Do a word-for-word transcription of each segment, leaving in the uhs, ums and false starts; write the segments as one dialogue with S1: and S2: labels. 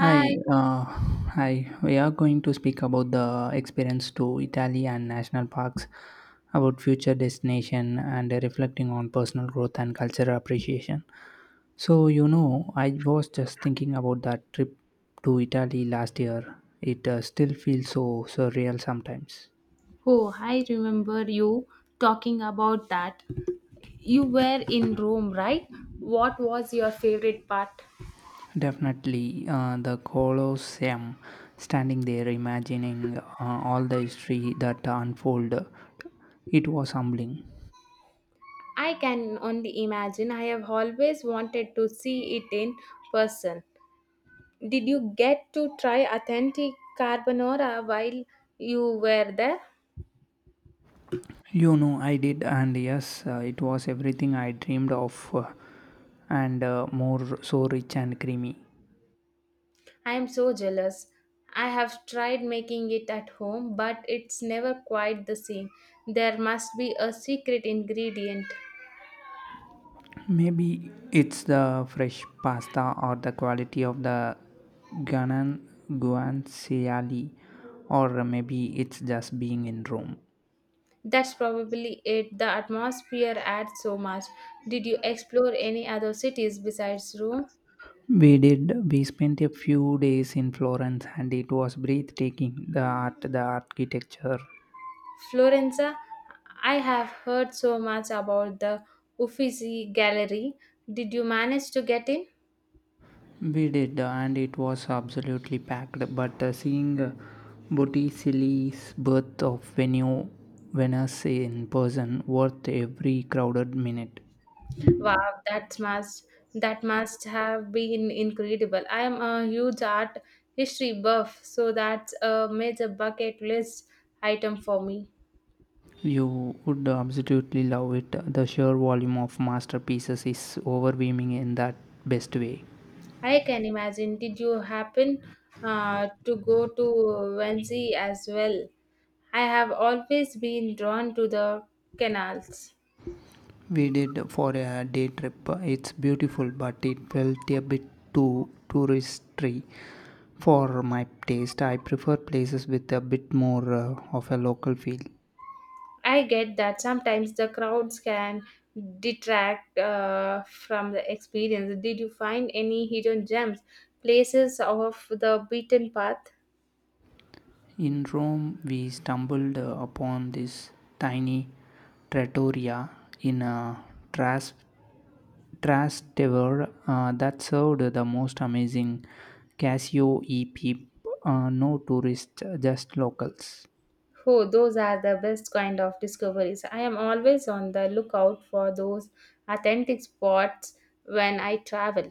S1: Hi, uh, hi. We are going to speak about the experience to Italy and national parks, about future destination, and reflecting on personal growth and cultural appreciation. So you know, I was just thinking about that trip to Italy last year. It uh, still feels so surreal sometimes.
S2: Oh, I remember you talking about that. You were in Rome, right? What was your favorite part?
S1: Definitely, uh, the Colosseum, standing there, imagining uh, all the history that unfolded, it was humbling.
S2: I can only imagine. I have always wanted to see it in person. Did you get to try authentic carbonara while you were there?
S1: You know, I did, and yes, uh, it was everything I dreamed of, uh, and uh, more so rich and creamy.
S2: I am so jealous. I have tried making it at home, but it's never quite the same. There must be a secret ingredient.
S1: Maybe it's the fresh pasta or the quality of the Ghanan guanciale, or maybe it's just being in Rome.
S2: That's probably it. The atmosphere adds so much. Did you explore any other cities besides Rome?
S1: We did. We spent a few days in Florence, and it was breathtaking. The art, the architecture.
S2: Florence? I have heard so much about the Uffizi Gallery. Did you manage to get in?
S1: We did, uh, and it was absolutely packed. But uh, seeing uh, Botticelli's birth of Venue Venus in person, worth every crowded minute.
S2: Wow, that must that must have been incredible. I am a huge art history buff, so that's a major bucket list item for me.
S1: You would absolutely love it. The sheer volume of masterpieces is overwhelming in that best way.
S2: I can imagine. Did you happen uh, to go to Wenzy as well? I have always been drawn to the canals.
S1: We did for a day trip. It's beautiful, but it felt a bit too touristy. For my taste, I prefer places with a bit more uh, of a local feel.
S2: I get that sometimes the crowds can detract uh, from the experience. Did you find any hidden gems, places off the beaten path?
S1: In Rome, we stumbled uh, upon this tiny trattoria in a trash, trash tower uh, that served the most amazing Casio e peep. Uh, no tourists, just locals.
S2: Oh, those are the best kind of discoveries. I am always on the lookout for those authentic spots when I travel.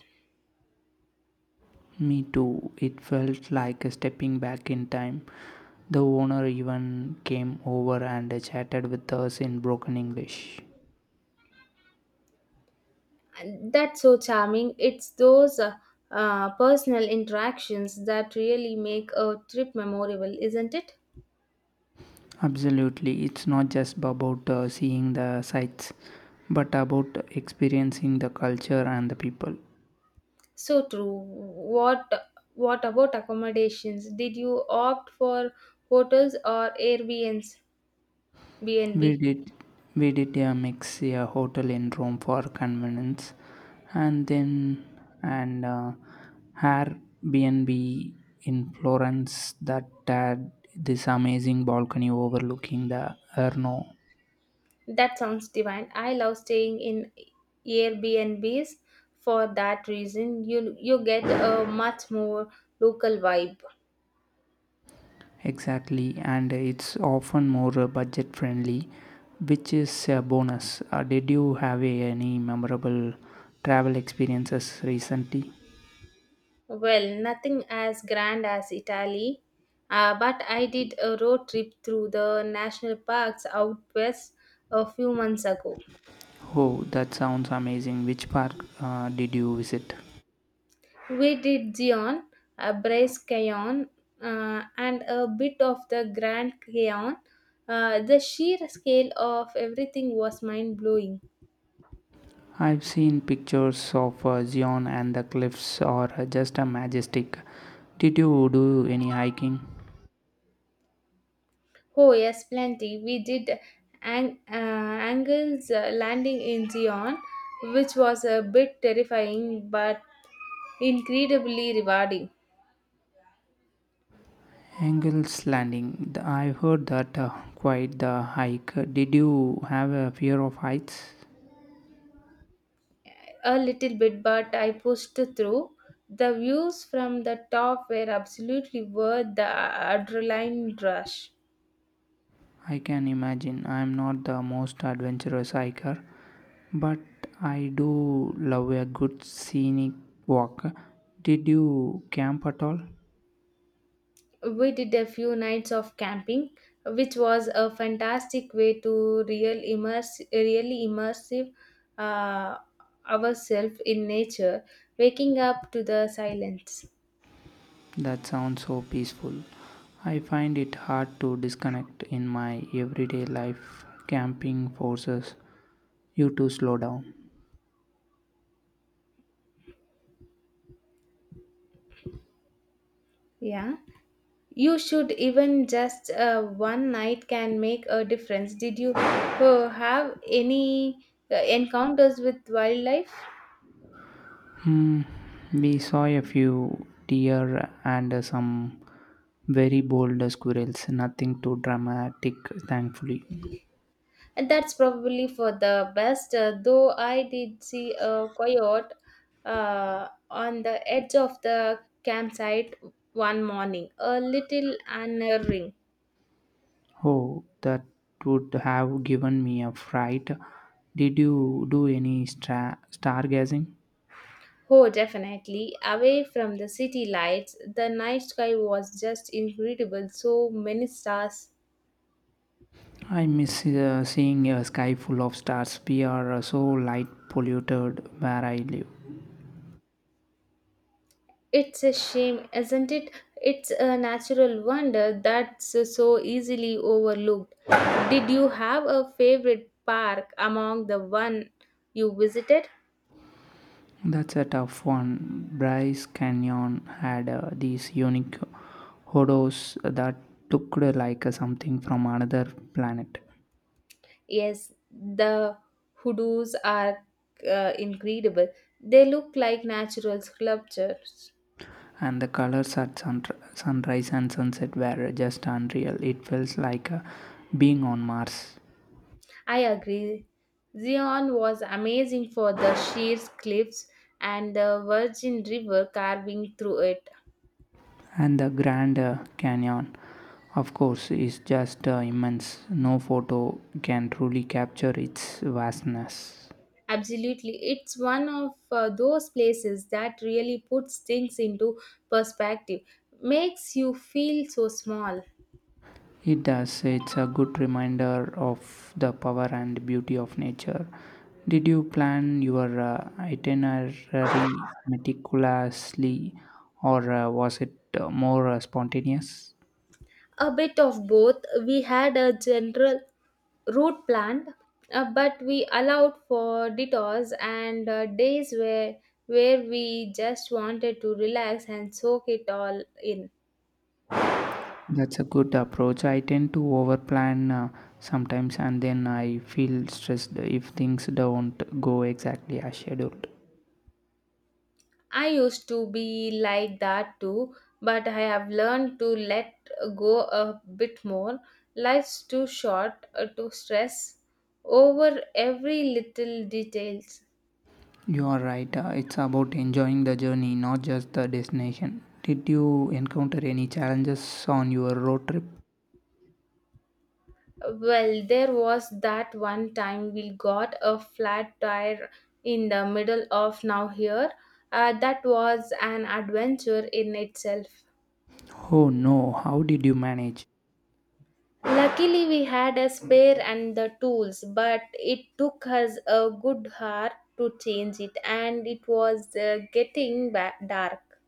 S1: Me too. It felt like stepping back in time. The owner even came over and chatted with us in broken English.
S2: And that's so charming. It's those uh, uh, personal interactions that really make a trip memorable, isn't it?
S1: Absolutely, it's not just about uh, seeing the sights, but about experiencing the culture and the people.
S2: So true. What what about accommodations? Did you opt for hotels or Airbnbs?
S1: We
S2: B N B.
S1: did we did a mix, a hotel in Rome for convenience, and then and uh, Airbnb in Florence that had this amazing balcony overlooking the Erno.
S2: That sounds divine. I love staying in Airbnbs for that reason. You you get a much more local vibe.
S1: Exactly, and it's often more uh, budget friendly, which is a bonus. Uh, did you have a- any memorable travel experiences recently?
S2: Well, nothing as grand as Italy, uh, but I did a road trip through the national parks out west a few months ago.
S1: Oh, that sounds amazing. Which park uh, did you visit?
S2: We did Zion, uh, Brace Canyon, uh, and a bit of the Grand Canyon. Uh, the sheer scale of everything was mind blowing.
S1: I've seen pictures of uh, Zion and the cliffs are uh, just a majestic. Did you do any hiking?
S2: Oh, yes, plenty. We did ang- uh, Angle's uh, landing in Zion, which was a bit terrifying but incredibly rewarding.
S1: Angel's Landing. Th- I heard that uh, quite the hike. Did you have a fear of heights?
S2: A little bit, but I pushed through. The views from the top were absolutely worth the adrenaline rush.
S1: I can imagine. I am not the most adventurous hiker, but I do love a good scenic walk. Did you camp at all?
S2: We did a few nights of camping, which was a fantastic way to real immerse, really immersive uh, ourselves in nature, waking up to the silence.
S1: That sounds so peaceful. I find it hard to disconnect in my everyday life. Camping forces you to slow down.
S2: Yeah, you should even just uh, one night can make a difference. Did you uh, have any uh, encounters with wildlife?
S1: Hmm, we saw a few deer and some very bold squirrels. Nothing too dramatic, thankfully.
S2: And that's probably for the best, uh, though I did see a coyote uh, on the edge of the campsite one morning, a little unnerving.
S1: Oh, that would have given me a fright. Did you do any stra- stargazing?
S2: Oh, definitely. Away from the city lights, the night sky was just incredible. So many stars.
S1: I miss uh, seeing a sky full of stars. We are uh, so light polluted where I live.
S2: It's a shame, isn't it? It's a natural wonder that's so easily overlooked. Did you have a favorite park among the one you visited?
S1: That's a tough one. Bryce Canyon had uh, these unique horrors that looked like uh, something from another planet.
S2: Yes, the hoodoos are uh, incredible. They look like natural sculptures.
S1: And the colors at sun- sunrise and sunset were just unreal. It felt like uh, being on Mars.
S2: I agree. Zion was amazing for the sheer cliffs and the Virgin River carving through it.
S1: And the Grand uh, Canyon, of course, is just uh, immense. No photo can truly capture its vastness.
S2: Absolutely. It's one of uh, those places that really puts things into perspective, makes you feel so small.
S1: It does. It's a good reminder of the power and beauty of nature. Did you plan your uh, itinerary meticulously, or uh, was it uh, more uh, spontaneous?
S2: A bit of both. We had a general route planned, uh, but we allowed for detours and uh, days where where we just wanted to relax and soak it all in.
S1: That's a good approach. I tend to overplan uh, sometimes and then I feel stressed if things don't go exactly as scheduled.
S2: I used to be like that too, but I have learned to let go a bit more. Life's too short uh, to stress over every little detail.
S1: You are right. Uh, it's about enjoying the journey, not just the destination. Did you encounter any challenges on your road trip?
S2: Well, there was that one time we got a flat tire in the middle of now here. Uh, that was an adventure in itself.
S1: Oh no, how did you manage?
S2: Luckily, we had a spare and the tools, but it took us a good hour to change it, and it was uh, getting ba- dark.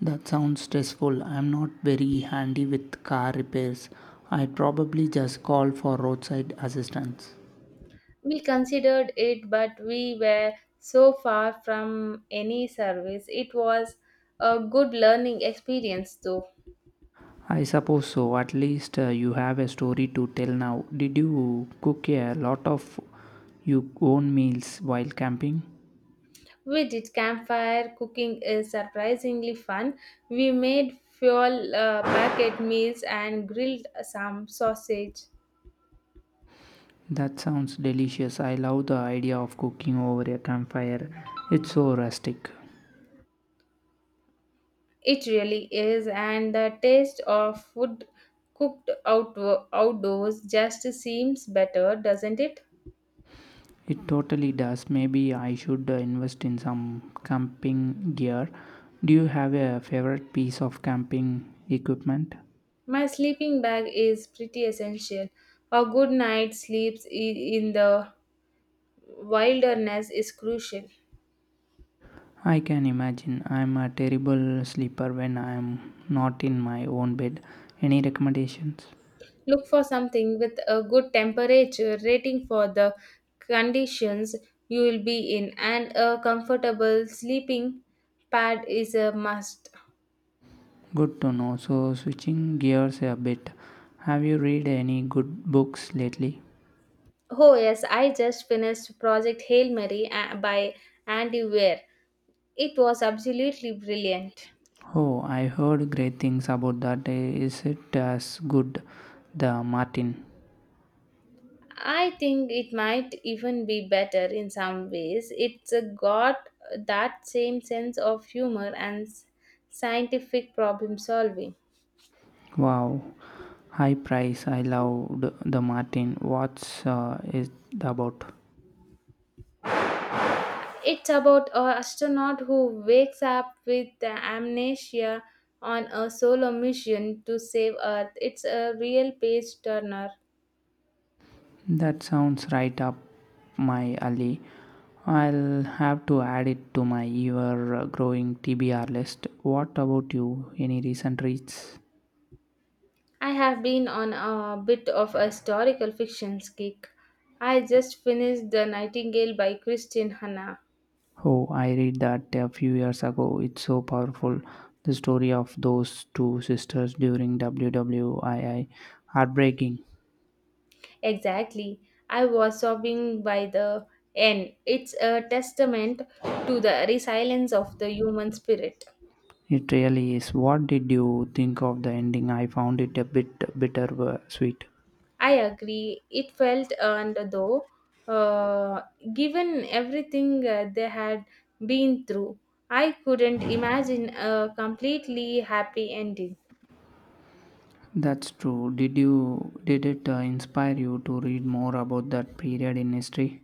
S1: That sounds stressful. I'm not very handy with car repairs. I'd probably just call for roadside assistance.
S2: We considered it, but we were so far from any service. It was a good learning experience, though.
S1: I suppose so. At least uh, you have a story to tell now. Did you cook a lot of your own meals while camping?
S2: We did campfire cooking is surprisingly fun. We made fuel uh, packet meals and grilled some sausage.
S1: That sounds delicious. I love the idea of cooking over a campfire. It's so rustic.
S2: It really is, and the taste of food cooked out outdoors just seems better, doesn't it?
S1: It totally does. Maybe I should uh, invest in some camping gear. Do you have a favorite piece of camping equipment?
S2: My sleeping bag is pretty essential. A good night's sleep i- in the wilderness is crucial.
S1: I can imagine. I'm a terrible sleeper when I'm not in my own bed. Any recommendations?
S2: Look for something with a good temperature rating for the conditions you will be in, and a comfortable sleeping pad is a must.
S1: Good to know. So, switching gears a bit, have you read any good books lately?
S2: Oh, yes, I just finished Project Hail Mary uh, by Andy Weir. It was absolutely brilliant.
S1: Oh, I heard great things about that. Is it as good? The Martin.
S2: I think it might even be better in some ways. It's uh, got that same sense of humor and s- scientific problem solving.
S1: Wow, high price. I loved The Martin. What's uh, it about?
S2: It's about an astronaut who wakes up with the amnesia on a solo mission to save Earth. It's a real page turner.
S1: That sounds right up my alley. I'll have to add it to my ever growing T B R list. What about you? Any recent reads?
S2: I have been on a bit of a historical fiction kick. I just finished The Nightingale by Christine Hanna.
S1: Oh, I read that a few years ago. It's so powerful. The story of those two sisters during world war two. Heartbreaking.
S2: Exactly. I was sobbing by the end. It's a testament to the resilience of the human spirit.
S1: It really is. What did you think of the ending? I found it a bit bitter uh, sweet.
S2: I agree. It felt earned though, uh, given everything uh, they had been through. I couldn't imagine a completely happy ending.
S1: That's true. Did you did it uh, inspire you to read more about that period in history?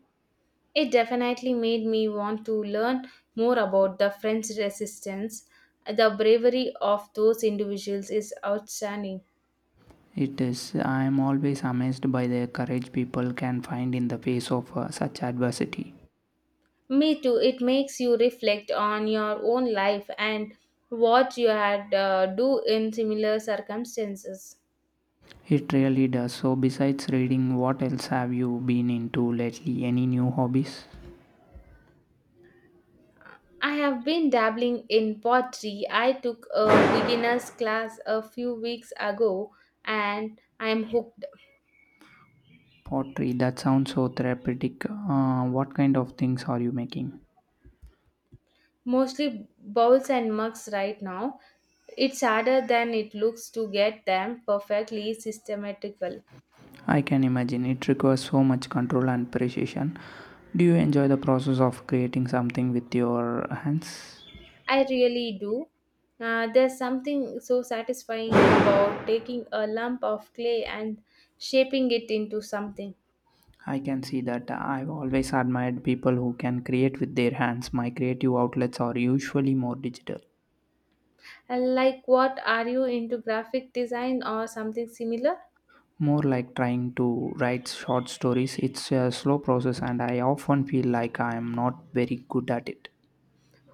S2: It definitely made me want to learn more about the French resistance. The bravery of those individuals is outstanding.
S1: It is. I am always amazed by the courage people can find in the face of uh, such adversity.
S2: Me too. It makes you reflect on your own life and what you had uh, do in similar circumstances.
S1: It really does. So, besides reading, what else have you been into lately? Any new hobbies?
S2: I have been dabbling in pottery. I took a beginner's class a few weeks ago and I am hooked.
S1: Pottery, that sounds so therapeutic. Uh, what kind of things are you making?
S2: Mostly bowls and mugs right now. It's harder than it looks to get them perfectly systematical.
S1: I can imagine it requires so much control and precision. Do you enjoy the process of creating something with your hands?
S2: I really do. Uh, there's something so satisfying about taking a lump of clay and shaping it into something.
S1: I can see that I've always admired people who can create with their hands. My creative outlets are usually more digital.
S2: And like, what are you into, graphic design or something similar?
S1: More like trying to write short stories, it's a slow process, and I often feel like I am not very good at it.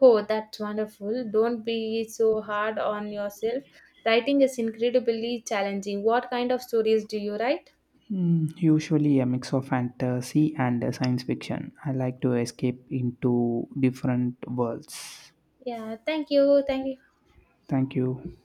S2: Oh, that's wonderful. Don't be so hard on yourself. Writing is incredibly challenging. What kind of stories do you write?
S1: Mm, usually a mix of fantasy and uh, science fiction. I like to escape into different worlds.
S2: Yeah, thank you. Thank you.
S1: Thank you.